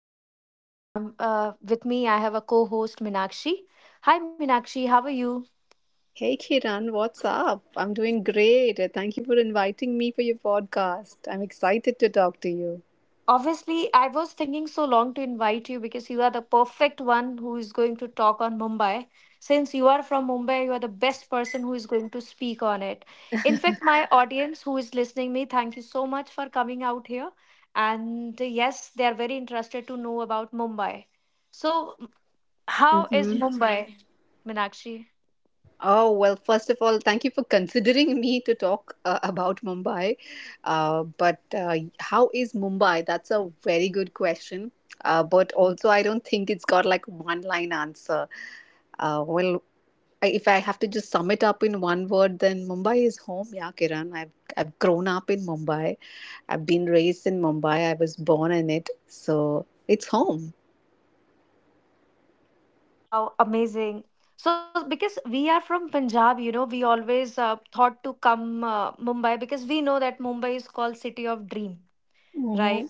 host Kiran and I'm with me. I have a co-host Minakshi. Hi Minakshi, how are you? Hey Kiran, what's up? I'm doing great. Thank you for inviting me for your podcast. I'm excited to talk to you. Obviously, I was thinking so long to invite you because you are the perfect one who is going to talk on Mumbai. Since you are from Mumbai, you are the best person who is going to speak on it. In fact, my audience who is listening me, thank you so much for coming out here. And yes, they are very interested to know about Mumbai. So, how is yes, Mm-hmm. ma'am. Mumbai, Minakshi? Oh, well, first of all, thank you for considering me to talk about Mumbai. But how is Mumbai? That's a very good question. But also, I don't think it's got like one line answer. Well, if I have to just sum it up in one word, then Mumbai is home. Yeah, Kiran, I've grown up in Mumbai. I've been raised in Mumbai. I was born in it. So it's home. Wow, amazing. So, because we are from Punjab, you know, we always thought to come Mumbai because we know that Mumbai is called city of dream, right?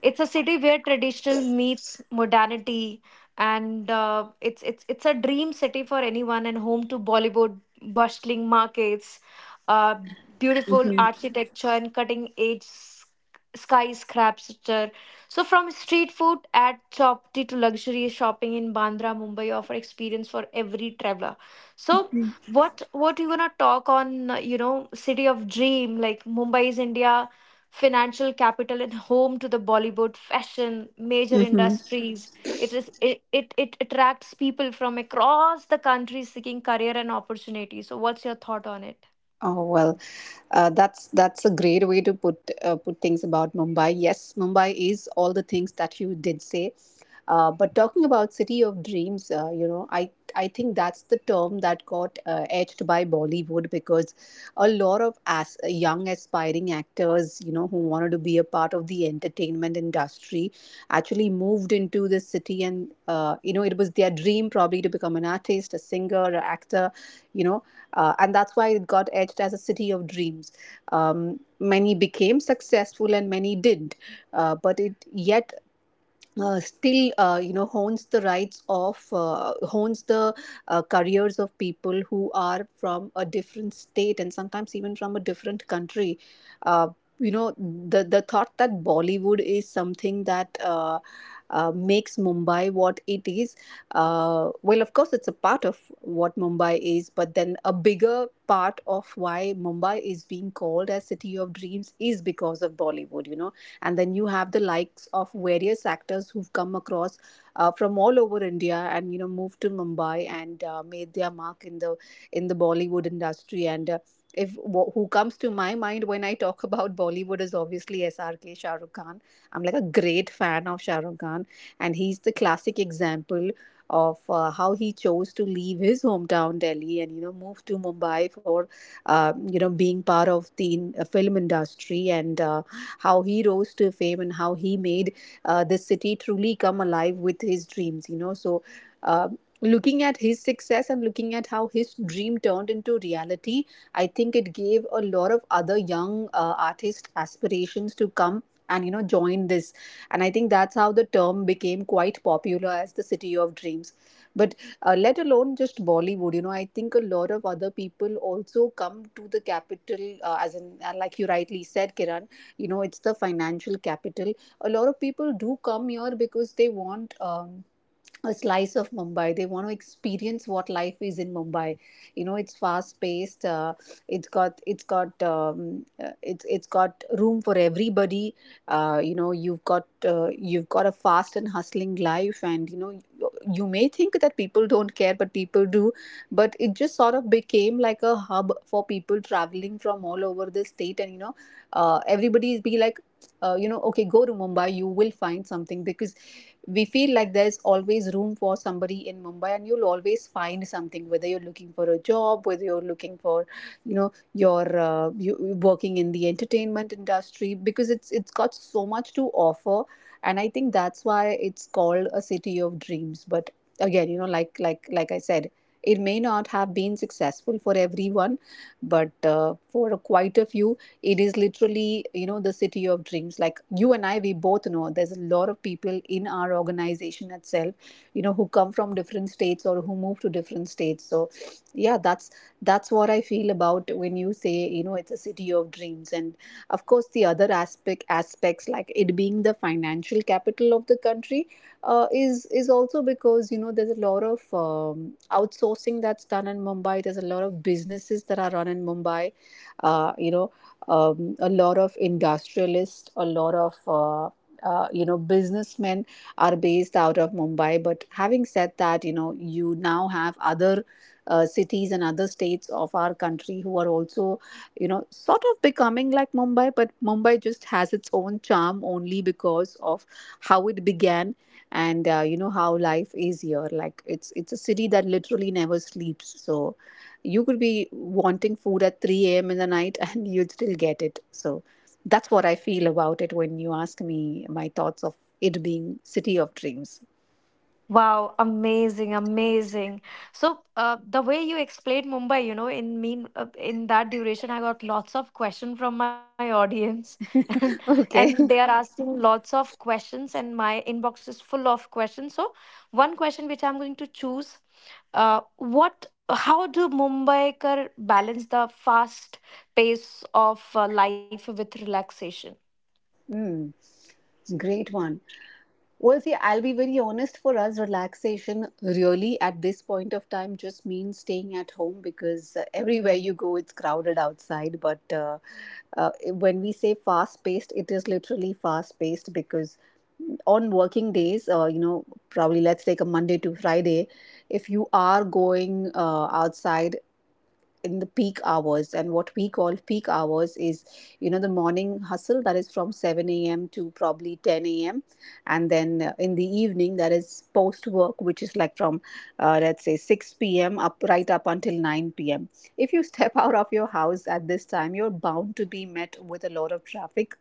It's a city where traditional meets modernity, and it's a dream city for anyone and home to Bollywood, bustling markets, uh, beautiful architecture, and cutting edge skyscraper. So from street food at Chopti to luxury shopping in Bandra, Mumbai offer experience for every traveler. So what you gonna talk on you know city of dream like Mumbai is India financial capital and home to the Bollywood, fashion, major Hmm. industries. It is it, it, it attracts people from across the country seeking career and opportunity. So what's your thought on it? Oh, well, that's a great way to put things about Mumbai. Yes, Mumbai is all the things that you did say. But talking about city of dreams, I think that's the term that got edged by Bollywood, because a lot of as young aspiring actors, who wanted to be a part of the entertainment industry, actually moved into this city. And it was their dream probably to become an artist, a singer, an actor, you know and that's why it got edged as a city of dreams. Many became successful and many didn't, but it yet still hones the careers of people who are from a different state, and sometimes even from a different country. uh, the thought that Bollywood is something that makes Mumbai what it is, well, of course, it's a part of what Mumbai is, but then a bigger part of why Mumbai is being called as city of dreams is because of Bollywood. And then you have the likes of various actors who've come across from all over India, and moved to Mumbai, and made their mark in the Bollywood industry. And. Uh, if wh- who comes to my mind when I talk about Bollywood is obviously SRK, Shah Rukh Khan. I'm like a great fan of Shah Rukh Khan, and he's the classic example of how he chose to leave his hometown Delhi, and move to Mumbai for being part of the film industry. And how he rose to fame, and how he made this city truly come alive with his dreams, so uh, looking at his success and looking at how his dream turned into reality, I think it gave a lot of other young artist aspirations to come and join this. And I think that's how the term became quite popular as the city of dreams. But let alone just Bollywood, I think a lot of other people also come to the capital, as in, like you rightly said, Kiran, you know, it's the financial capital. A lot of people do come here because they want, a slice of Mumbai. They want to experience what life is in Mumbai. You know, it's fast paced. It's got it's got it's got room for everybody. You've got a fast and hustling life, and you may think that people don't care, but people do. But it just sort of became like a hub for people traveling from all over the state. And everybody is be like. Okay, go to Mumbai, you will find something, because we feel like there's always room for somebody in Mumbai. And you'll always find something, whether you're looking for a job, whether you're looking for, your, you're working in the entertainment industry, because it's got so much to offer. And I think that's why it's called a city of dreams. But again, you know, like I said, it may not have been successful for everyone, but for quite a few, it is literally, the city of dreams. Like, you and I, we both know there's a lot of people in our organization itself, who come from different states, or who move to different states. So yeah, that's what I feel about when you say, you know, it's a city of dreams. And of course the other aspects like it being the financial capital of the country, is also because, you know, there's a lot of outsourcing that's done in Mumbai. There's a lot of businesses that are run in Mumbai. uh, you know a lot of industrialists, a lot of businessmen are based out of Mumbai. But having said that, you know, you now have other cities and other states of our country who are also, sort of becoming like Mumbai. But Mumbai just has its own charm only because of how it began. And how life is here. Like, it's a city that literally never sleeps. So you could be wanting food at 3 a.m. in the night and you'd still get it. So that's what I feel about it when you ask me my thoughts of it being city of dreams. Wow, amazing, amazing. So, the way you explained Mumbai, you know, in that duration, I got lots of questions from my audience, and and they are Okay. asking lots of questions, and my inbox is full of questions. So, one question which I'm going to choose, what, how do Mumbaikar balance the fast pace of life with relaxation? Mm, great one. Well, see, I'll be very honest, for us, relaxation really at this point of time just means staying at home, because everywhere you go, it's crowded outside. But when we say fast paced, it is literally fast paced, because on working days, probably let's take a Monday to Friday, if you are going outside in the peak hours. And what we call peak hours is, the morning hustle, that is from 7 a.m to probably 10 a.m. And then in the evening, that is post work, which is like from, let's say 6 p.m up, right up until 9 p.m. If you step out of your house at this time, you're bound to be met with a lot of traffic.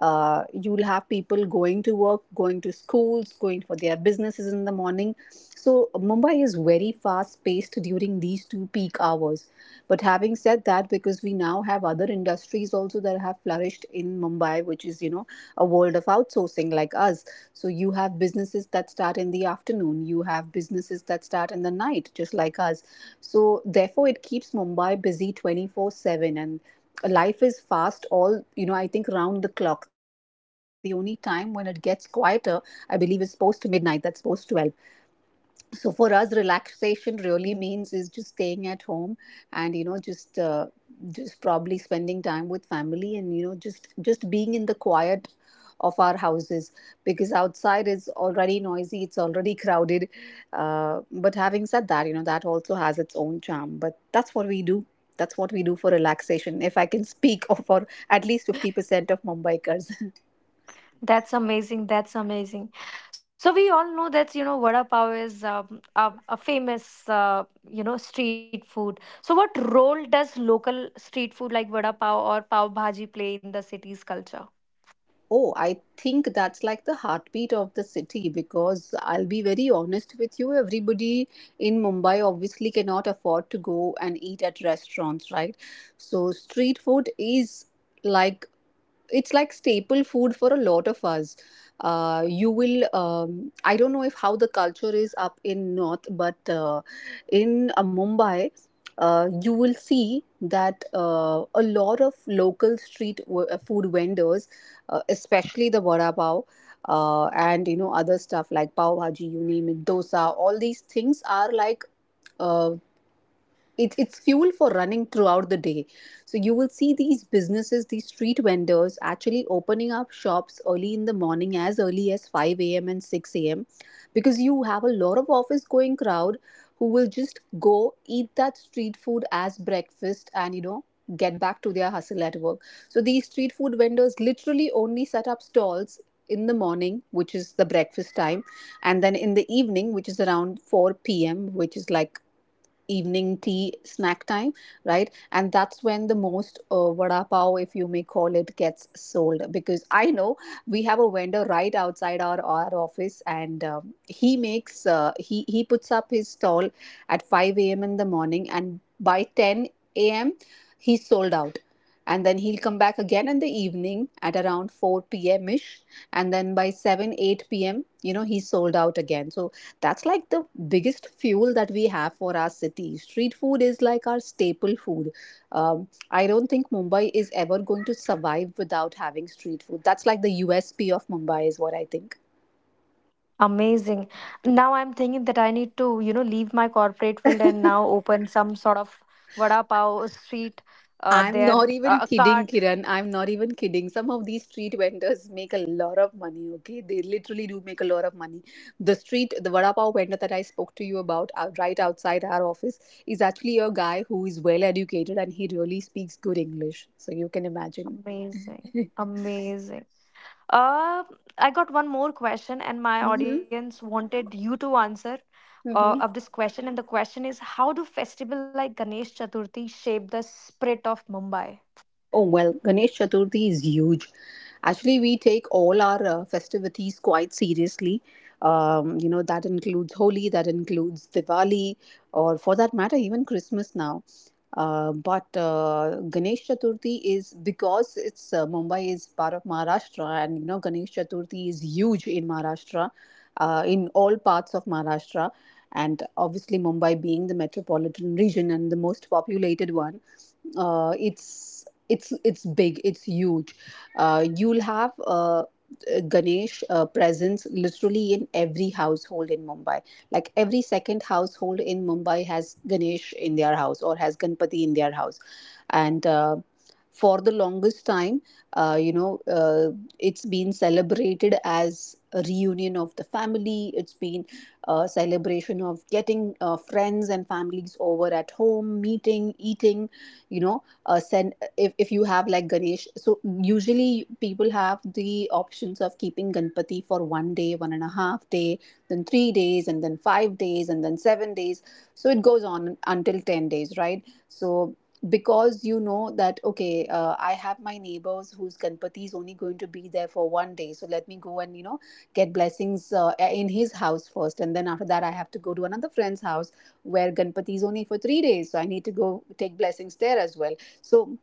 You'll have people going to work, going to schools, going for their businesses in the morning. So Mumbai is very fast paced during these two peak hours. But having said that, because we now have other industries also that have flourished in Mumbai, which is, you know, a world of outsourcing like us. So you have businesses that start in the afternoon, you have businesses that start in the night, just like us. So therefore, it keeps Mumbai busy 24/7. And life is fast all, I think, round the clock. The only time when it gets quieter, I believe, is post midnight, that's post 12. So for us, relaxation really means is just staying at home, and just probably spending time with family, and just being in the quiet of our houses, because outside is already noisy, it's already crowded. But having said that, you know, that also has its own charm. But that's what we do. That's what we do for relaxation, if I can speak of for at least 50% of Mumbaikars. That's amazing. That's amazing. So we all know that you know vada pav is a famous you know street food. So what role does local street food like vada pav or pav bhaji play in the city's culture? Oh, I think that's like the heartbeat of the city, because I'll be very honest with you, everybody in Mumbai obviously cannot afford to go and eat at restaurants, right? So street food is like, it's like staple food for a lot of us. You will, I don't know if how the culture is up in north, but in Mumbai, you will see that a lot of local street food vendors, especially the vada pav, and other stuff like pav bhaji, you name it, dosa, all these things are like, uh, it's fuel for running throughout the day. So you will see these businesses, these street vendors, actually opening up shops early in the morning, as early as 5 a.m and 6 a.m, because you have a lot of office going crowd who will just go eat that street food as breakfast, and get back to their hustle at work. So these street food vendors literally only set up stalls in the morning, which is the breakfast time, and then in the evening, which is around 4 p.m, which is like evening tea snack time, right? And that's when the most vada pav, if you may call it, gets sold, because I know we have a vendor right outside our office. And he makes he puts up his stall at 5 a.m in the morning, and by 10 a.m he's sold out. And then he'll come back again in the evening at around 4 p.m ish, and then by 7 8 p.m, you know, he's sold out again. So that's like the biggest fuel that we have for our city. Street food is like our staple food. I don't think Mumbai is ever going to survive without having street food. That's like the USP of Mumbai, is what I think. Amazing. Now I'm thinking that I need to you know leave my corporate field and now open some sort of vada pav street I'm there not even a kidding, cart. Kiran. I'm not even kidding. Some of these street vendors make a lot of money, okay? They literally do make a lot of money. The street, the vada pav vendor that I spoke to you about, right outside our office, is actually a guy who is well educated and he really speaks good English. So you can imagine. Amazing. Amazing. Uh, I got one more question, and my Mm-hmm. audience wanted you to answer of Mm-hmm. this question. And the question is, how do festival like Ganesh Chaturthi shape the spirit of Mumbai? Oh, well, Ganesh Chaturthi is huge. Actually, we take all our festivities quite seriously. That includes Holi, that includes Diwali, or for that matter, even Christmas now. But Ganesh Chaturthi is, because it's Mumbai is part of Maharashtra, and Ganesh Chaturthi is huge in Maharashtra, in all parts of Maharashtra. And obviously, Mumbai being the metropolitan region and the most populated one, it's big, it's huge. You'll have, Ganesh presence literally in every household in Mumbai. Like, every second household in Mumbai has Ganesh in their house, or has Ganpati in their house. And for the longest time, uh, you know uh, it's been celebrated as a reunion of the family. It's been a celebration of getting friends and families over at home, meeting, eating, send, if you have like Ganesh, so usually people have the options of keeping Ganpati for one day, 1.5 day, then 3 days, and then 5 days, and then 7 days. So it goes on until 10 days, right? So because you know that, okay, I have my neighbors whose Ganpati is only going to be there for one day, so let me go and, get blessings in his house first, and then after that I have to go to another friend's house where Ganpati is only for 3 days. So I need to go take blessings there as well. So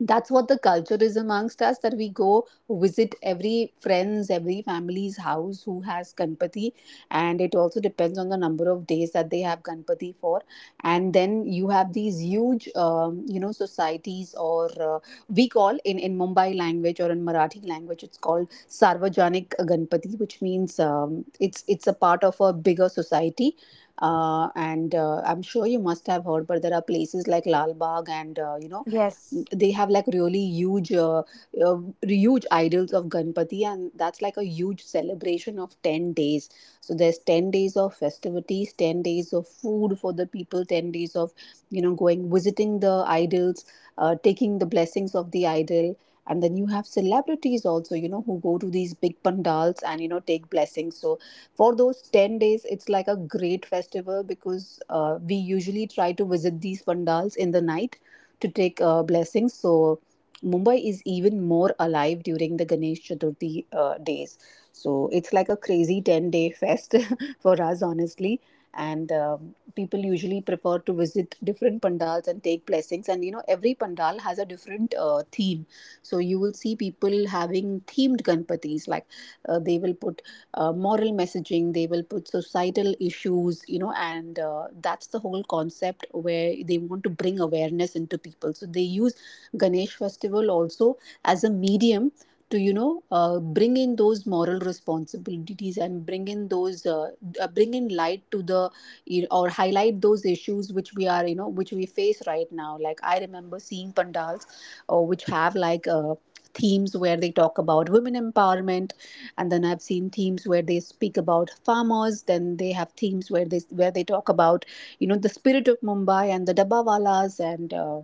that's what the culture is amongst us, that we go visit every friend's, every family's house who has Ganpati, and it also depends on the number of days that they have Ganpati for. And then you have these huge, societies, or we call in Mumbai language, or in Marathi language, it's called Sarvajanik Ganpati, which means, it's a part of a bigger society. And I'm sure you must have heard, but there are places like Lal Bagh and, you know, Yes. they have like really huge, uh, huge idols of Ganpati, and that's like a huge celebration of 10 days. So there's 10 days of festivities, 10 days of food for the people, 10 days of, you know, going visiting the idols, taking the blessings of the idol. And then you have celebrities also, who go to these big pandals and, take blessings. So for those 10 days, it's like a great festival, because we usually try to visit these pandals in the night to take blessings. So Mumbai is even more alive during the Ganesh Chaturthi days. So it's like a crazy 10-day fest for us, honestly. And people usually prefer to visit different pandals and take blessings. And you know, every pandal has a different theme. So you will see people having themed Ganpatis, like, they will put moral messaging, they will put societal issues, you know, and that's the whole concept, where they want to bring awareness into people, so they use Ganesh festival also as a medium to, bring in those moral responsibilities, and bring in those, bring in light to the, or highlight those issues which we are, which we face right now. Like, I remember seeing pandals which have like themes where they talk about women empowerment. And then I've seen themes where they speak about farmers, then they have themes where they talk about, you know, the spirit of Mumbai and the dabbawalas, and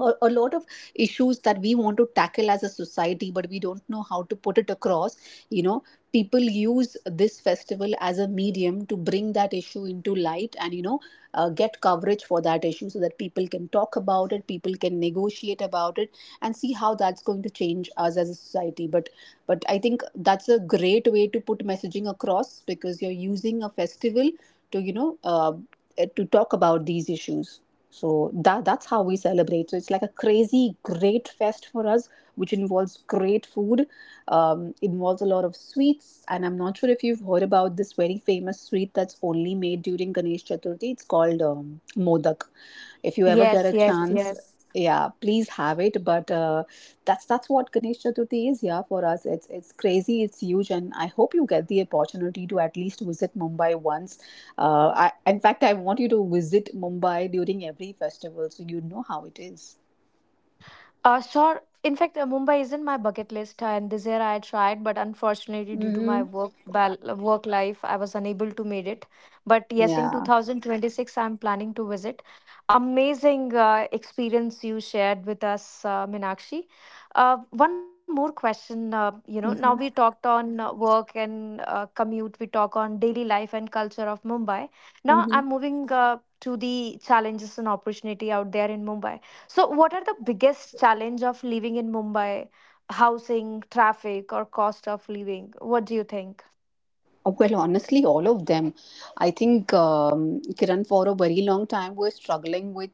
a lot of issues that we want to tackle as a society, but we don't know how to put it across you know People use this festival as a medium to bring that issue into light, and get coverage for that issue, so that people can talk about it, people can negotiate about it, and see how that's going to change us as a society. But I think that's a great way to put messaging across, because you're using a festival to you know to talk about these issues, so that's how we celebrate. So it's like a crazy great fest for us, which involves great food, involves a lot of sweets, and I'm not sure if you've heard about this very famous sweet that's only made during Ganesh Chaturthi. It's called, modak. If you ever get a chance, yeah, please have it. But that's what Ganesh Chaturthi is. Yeah, for us, it's crazy, it's huge, and I hope you get the opportunity to at least visit Mumbai once. In fact, I want you to visit Mumbai during every festival so you know how it is. Sure. In fact, Mumbai isn't my bucket list, and this year I tried, but unfortunately, due to my Mm-hmm. Work life, I was unable to make it. But yes, in Yeah. 2026, I'm planning to visit. Amazing experience you shared with us, Minakshi. Uh, one more question. You know, now we Mm-hmm. talked on work and commute. We talk on daily life and culture of Mumbai. Now I'm Mm-hmm. moving to the challenges and opportunity out there in Mumbai so, what are the biggest challenge of living in Mumbai? Housing, traffic, or cost of living? What do you think? Well, honestly, all of them. I think, Kiran, for a very long time was struggling with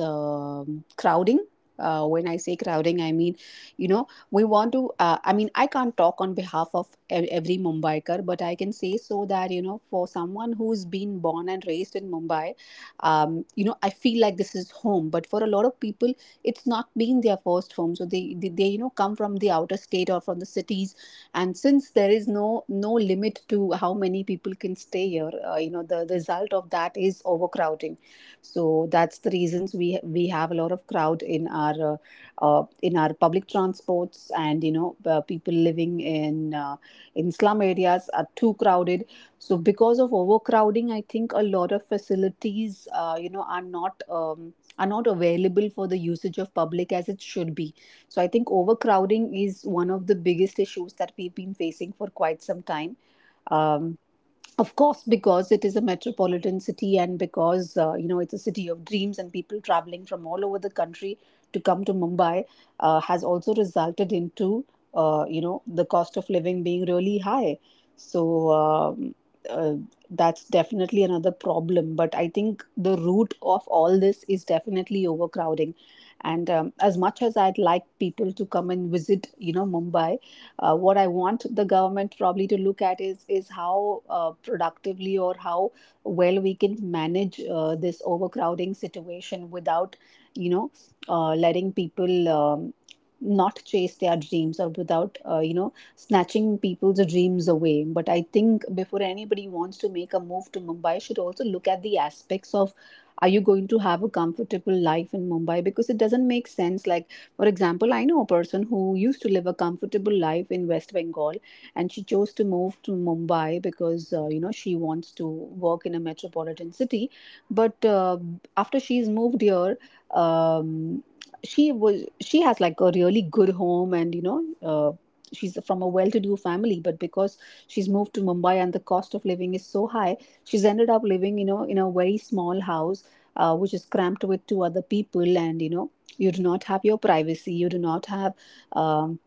crowding. When I say crowding, I mean, you know, we want to. I mean, I can't talk on behalf of every Mumbaiker, but I can say so that, you know, for someone who's been born and raised in Mumbai, you know, I feel like this is home. But for a lot of people, it's not been their first home. So they come from the outer state or from the cities. And since there is no limit to how many people can stay here, you know, the result of that is overcrowding. So that's the reasons we have a lot of crowd in our, in our public transports, and people living in, in slum areas are too crowded. So because of overcrowding, I think a lot of facilities, are not, are not available for the usage of public as it should be. So I think overcrowding is one of the biggest issues that we've been facing for quite some time. Um, of course, because it is a metropolitan city, and because, it's a city of dreams, and people traveling from all over the country to come to Mumbai has also resulted into, the cost of living being really high. So, um, uh, that's definitely another problem, but I think the root of all this is definitely overcrowding. And, as much as I'd like people to come and visit, Mumbai, what I want the government probably to look at is, how, productively, or how well we can manage this overcrowding situation, without, you know, letting people. Not chase their dreams, or without, snatching people's dreams away. But I think before anybody wants to make a move to Mumbai, should also look at the aspects of, are you going to have a comfortable life in Mumbai? Because it doesn't make sense. Like, for example, I know a person who used to live a comfortable life in West Bengal, and she chose to move to Mumbai because, you know, she wants to work in a metropolitan city. But after she's moved here, um, she has like a really good home, and you know, uh, she's from a well-to-do family, but because she's moved to Mumbai and the cost of living is so high, she's ended up living, in a very small house, which is cramped with two other people. And you know, you do not have your privacy, you do not have, um,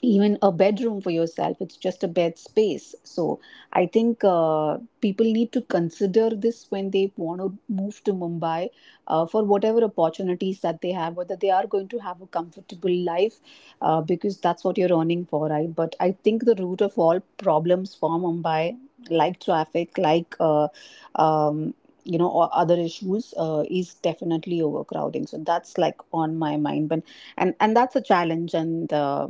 even a bedroom for yourself, it's just a bed space. So I think, people need to consider this when they want to move to Mumbai, for whatever opportunities that they have, whether they are going to have a comfortable life, because that's what you're earning for, right? But I think the root of all problems for Mumbai, like traffic, like, um, other issues, is definitely overcrowding. So that's like on my mind, but and that's a challenge. And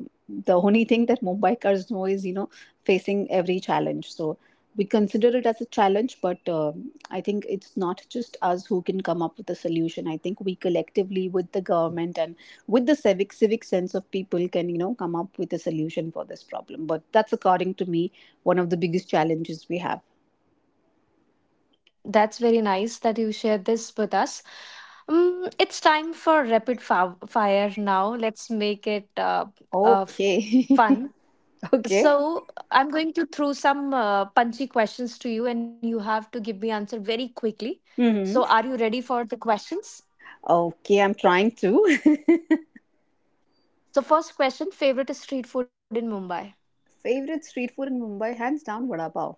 the only thing that Mumbai know is, facing every challenge. So we consider it as a challenge, but I think it's not just us who can come up with a solution. I think we collectively, with the government and with the civic sense of people, can come up with a solution for this problem. But that's, according to me, one of the biggest challenges we have. That's very nice that you shared this with us. It's time for fire now. Let's make it fun. Okay. So okay, I'm going to throw some punchy questions to you, and you have to give me answer very quickly. So hmm are you ready for the questions? Okay, I'm trying to. So first question: favorite street food in Mumbai? Favorite street food in Mumbai, hands down, vada pav.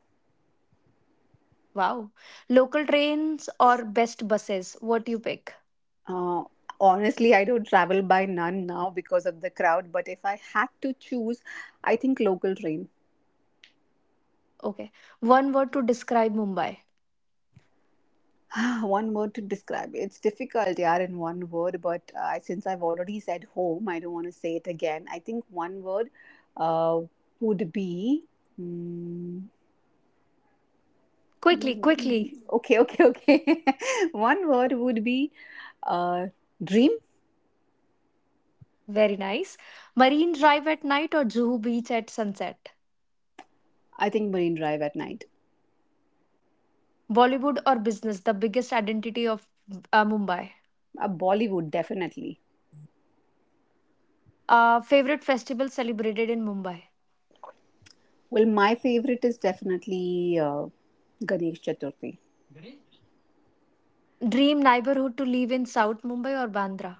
Wow. Local trains or best buses? What you pick? Uh, Honestly, I don't travel by none now because of the crowd, but if I had to choose, I think local train. Okay. One word to describe Mumbai. One word to describe. It's difficult, yeah, in one word, but since I've already said home, I don't want to say it again. I think one word uh, would be. Mm, Quickly, mm, quickly. okay, okay, okay. One word would be uh, dream. Very nice. Marine Drive at night or Juhu Beach at sunset? I think Marine Drive at night. Bollywood or business? The biggest identity of Mumbai. A Bollywood, definitely. Favorite festival celebrated in Mumbai? Well, my favorite is definitely Ganesh Chaturthi. Dream neighborhood to live in South Mumbai or Bandra?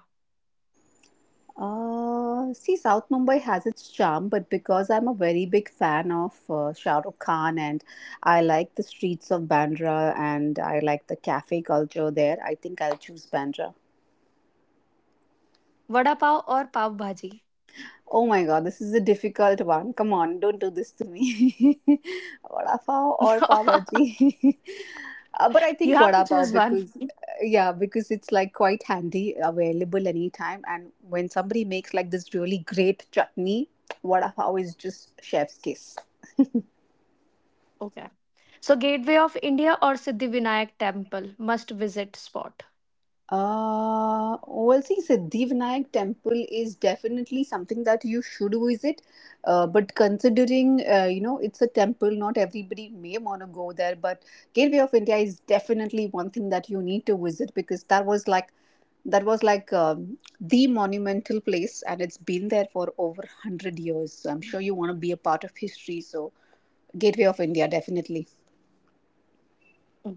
See, South Mumbai has its charm, but because I'm a very big fan of Shah Rukh Khan, and I like the streets of Bandra and I like the cafe culture there, I think I'll choose Bandra. Vada pav or pav bhaji? Oh my god, this is a difficult one. Come on, don't do this to me. Vada pav or pav bhaji? But I you think have to vada choose pav one. because yeah, because it's like quite handy, available anytime. And when somebody makes like this really great chutney, vada pav is just chef's kiss. Okay. So, Gateway of India or Siddhivinayak Temple must visit spot. Well, see, Siddhivinayak temple is definitely something that you should visit. But considering, you know, it's a temple, not everybody may want to go there. But Gateway of India is definitely one thing that you need to visit because that was like the monumental place, and it's been there for over 100 years. So I'm sure you want to be a part of history. So Gateway of India, definitely.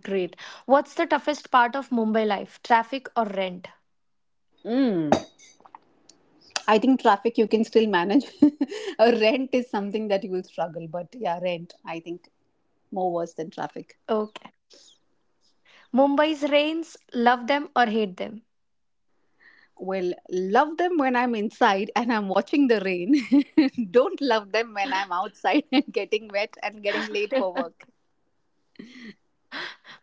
Great. What's the toughest part of Mumbai life? Traffic or rent? Mm. I think traffic you can still manage. Rent is something that you will struggle, but yeah, rent I think more worse than traffic. Okay. Mumbai's rains, love them or hate them? Well, love them when I'm inside and I'm watching the rain. Don't love them when I'm outside and getting wet and getting late for work.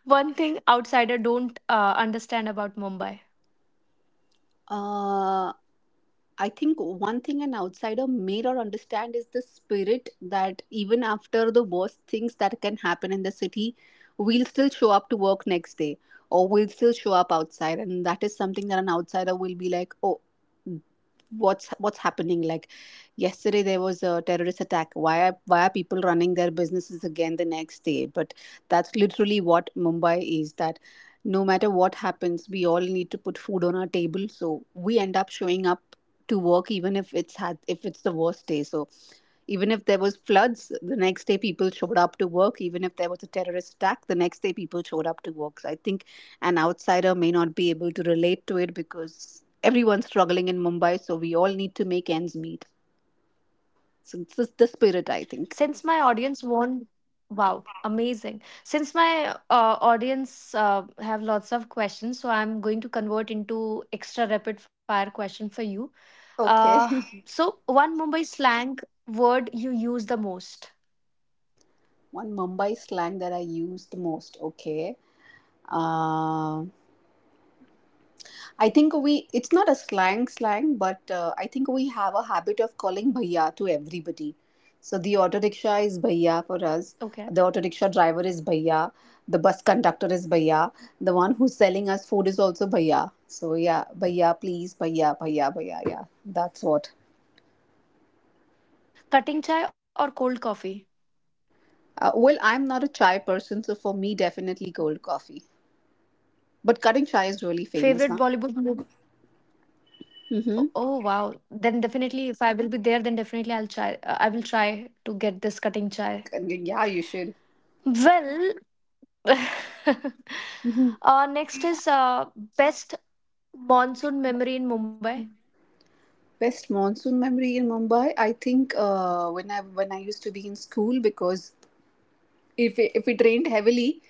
One thing outsider don't understand about Mumbai. Uh, I think one thing an outsider may not understand is the spirit that, even after the worst things that can happen in the city, we'll still show up to work next day or we'll still show up outside. And that is something that an outsider will be like, oh, what's happening. Like, yesterday there was a terrorist attack. Why are, why are people running their businesses again the next day? But that's literally what Mumbai is, that no matter what happens, we all need to put food on our table, so we end up showing up to work even if it's the worst day. So even if there was floods, the next day people showed up to work. Even if there was a terrorist attack, the next day people showed up to work. So I think an outsider may not be able to relate to it because everyone's struggling in Mumbai, so we all need to make ends meet. So it's the spirit, I think. Since my audience won't, Wow, amazing. Since my audience have lots of questions, so I'm going to convert into extra rapid fire question for you. Uh, Okay. so, one Mumbai slang word you use the most? One Mumbai slang that I use the most. Okay. Uh, I think we, it's not a slang, but I think we have a habit of calling bhaiya to everybody. So the auto rickshaw is bhaiya for Okay. us. The auto rickshaw driver is bhaiya. The bus conductor is bhaiya. The one who's selling us food is also bhaiya. So yeah, bhaiya, please, bhaiya, bhaiya, bhaiya. Yeah, that's what. Cutting chai or cold coffee? Well, I'm not a chai person, so for me, definitely cold coffee. But cutting chai is really famous, Favorite huh? Bollywood movie? Oh, Mm-hmm. oh, wow. Then definitely, if I will be there, then definitely I'll try. Uh, I will try to get this cutting chai. Yeah, you should. Well, next is best monsoon memory in Mumbai. Best monsoon memory in Mumbai, I think when I used to be in school, because if it rained heavily,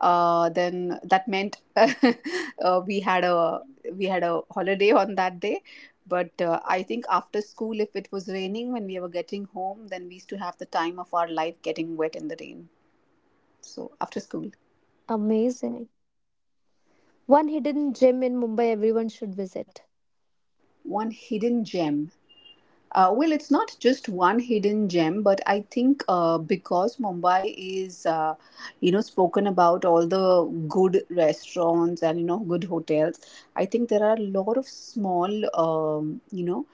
then that meant we had a holiday on that day. But I think after school, if it was raining when we were getting home, then we used to have the time of our life getting wet in the rain. So after school, Amazing. One hidden gem in Mumbai everyone should visit. one hidden gem. Well, it's not just one hidden gem, but I think because Mumbai is, spoken about all the good restaurants and, you know, good hotels, I think there are a lot of small, um, you know,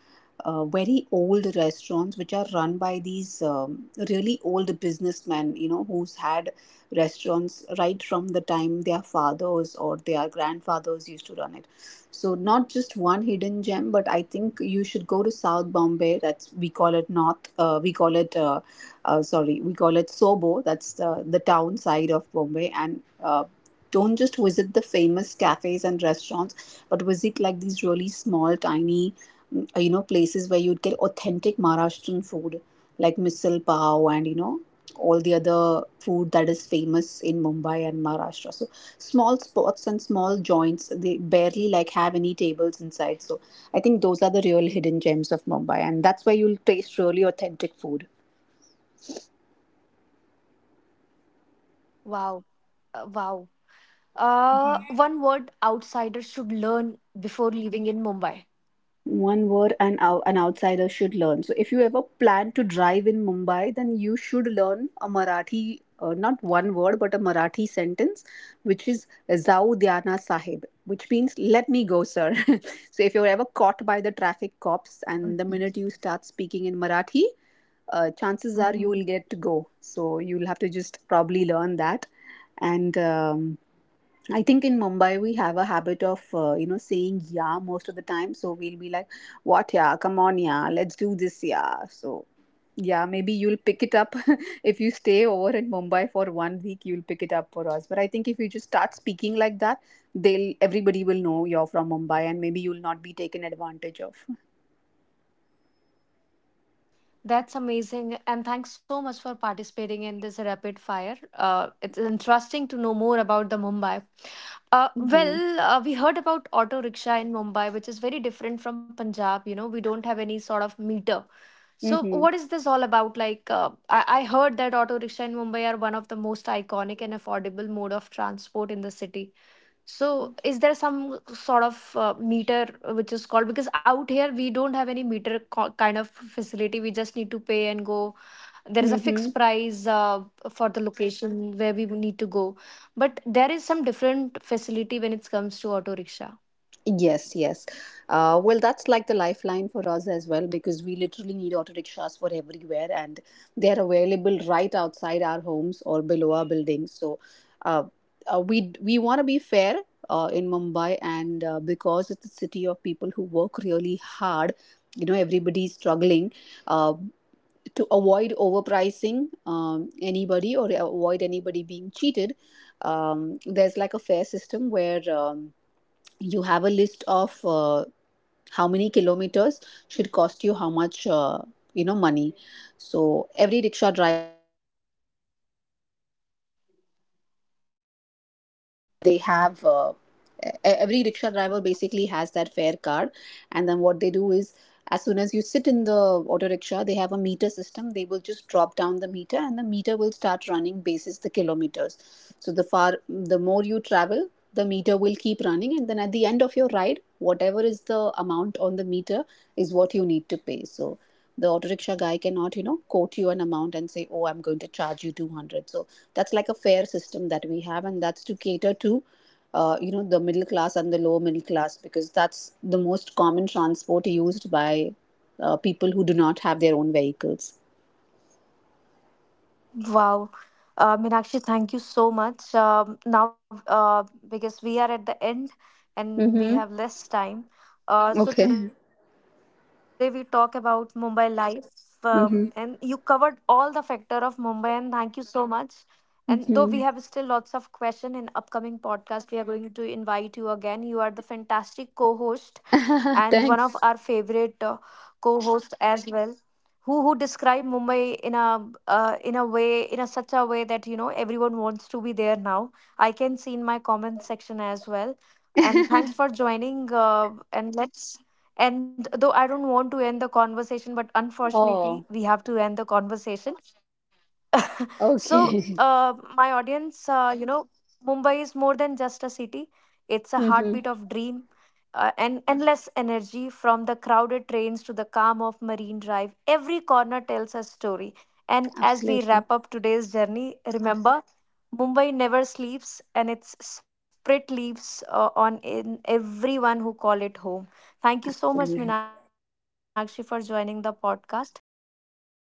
very old restaurants which are run by these really old businessmen, you know, who's had restaurants right from the time their fathers or their grandfathers used to run it. So not just one hidden gem, but I think you should go to South Bombay. That's, we call it North. We call it sorry, we call it Sobo. That's the town side of Bombay, and don't just visit the famous cafes and restaurants, but visit like these really small, tiny, you know, places where you'd get authentic Maharashtrian food, like misal pav, and you know all the other food that is famous in Mumbai and Maharashtra. So small spots and small joints. They barely like have any tables inside. So I think those are the real hidden gems of Mumbai, and that's where you'll taste really authentic food. Wow. Wow. One word outsiders should learn before living in Mumbai. One word an, an outsider should learn. So, if you ever plan to drive in Mumbai, then you should learn a Marathi, not one word, but a Marathi sentence, which is Zau Dhyana Sahib, which means let me go, sir. So, if you're ever caught by the traffic cops and the minute you start speaking in Marathi, chances are you will get to Hmm. go. So, you'll have to just probably learn that. And I think in Mumbai we have a habit of saying yeah most of the time. So we'll be like, "What yeah? Come on yeah, let's do this yeah." So yeah, maybe you'll pick it up if you stay over in Mumbai for 1 week. You'll pick it up for us. But I think if you just start speaking like that, they'll everybody will know you're from Mumbai, and maybe you'll not be taken advantage of. That's amazing. And thanks so much for participating in this rapid fire. It's interesting to know more about the Mumbai. Mm-hmm. Well, we heard about auto rickshaw in Mumbai, which is very different from Punjab. You know, we don't have any sort of meter. So, Mm-hmm. what is this all about? Like, I heard that auto rickshaw in Mumbai are one of the most iconic and affordable mode of transport in the city. So, is there some sort of meter which is called? Because out here we don't have any kind of facility. We just need to pay and go. There is a Mm-hmm. fixed price for the location where we need to go. But there is some different facility when it comes to auto rickshaw. Yes, yes. Well, that's like the lifeline for us as well, because we literally need auto rickshaws for everywhere and they're available right outside our homes or below our buildings. So uh, we want to be fair in Mumbai, and because it's a city of people who work really hard, you know, everybody's struggling uh, to avoid overpricing anybody or avoid anybody being cheated. There's like a fair system where. You have a list of how many kilometers should cost you how much you know money, so every rickshaw driver. have uh, every rickshaw driver basically has that fare card, and then what they do is, as soon as you sit in the auto rickshaw, they have a meter system. They will just drop down the meter, and the meter will start running basis the kilometers. So the far the more you travel, the meter will keep running, and then at the end of your ride, whatever is the amount on the meter is what you need to pay. So the auto rickshaw guy cannot, you know, quote you an amount and say, oh, I'm going to charge you 200. That's like a fair system that we have, and that's to cater to you know, the middle class and the lower middle class, because that's the most common transport used by people who do not have their own vehicles. Wow. Meenakshi, thank you so much. Now, because we are at the end Mm-hmm. and we have less time. So, Okay. mhm, today we talk about Mumbai life. And you covered Mm-hmm. all the factor of Mumbai, and thank you so much. And though we have still lots Mm-hmm. of question in upcoming podcast, we are going to invite you again. You are the fantastic co-host and one of our Thanks. favorite co-hosts as well, who described Mumbai in a way in a such a way that you know everyone wants to be there now. I can see in my comment section as well. And thanks for joining. And let's and though I don't want to end the conversation, but Oh, unfortunately we have to end the conversation. So, okay. My audience, you know, Mumbai is more than just a city. It's a Mm-hmm. heartbeat of dream and endless energy from the crowded trains to the calm of Marine Drive. Every corner tells a story. And as we Absolutely. wrap up today's journey, remember Mumbai never sleeps and its spirit lives on in everyone who call it home. Thank you so much, Absolutely. Minakshi, for joining the podcast. Thank you, everyone, for Well.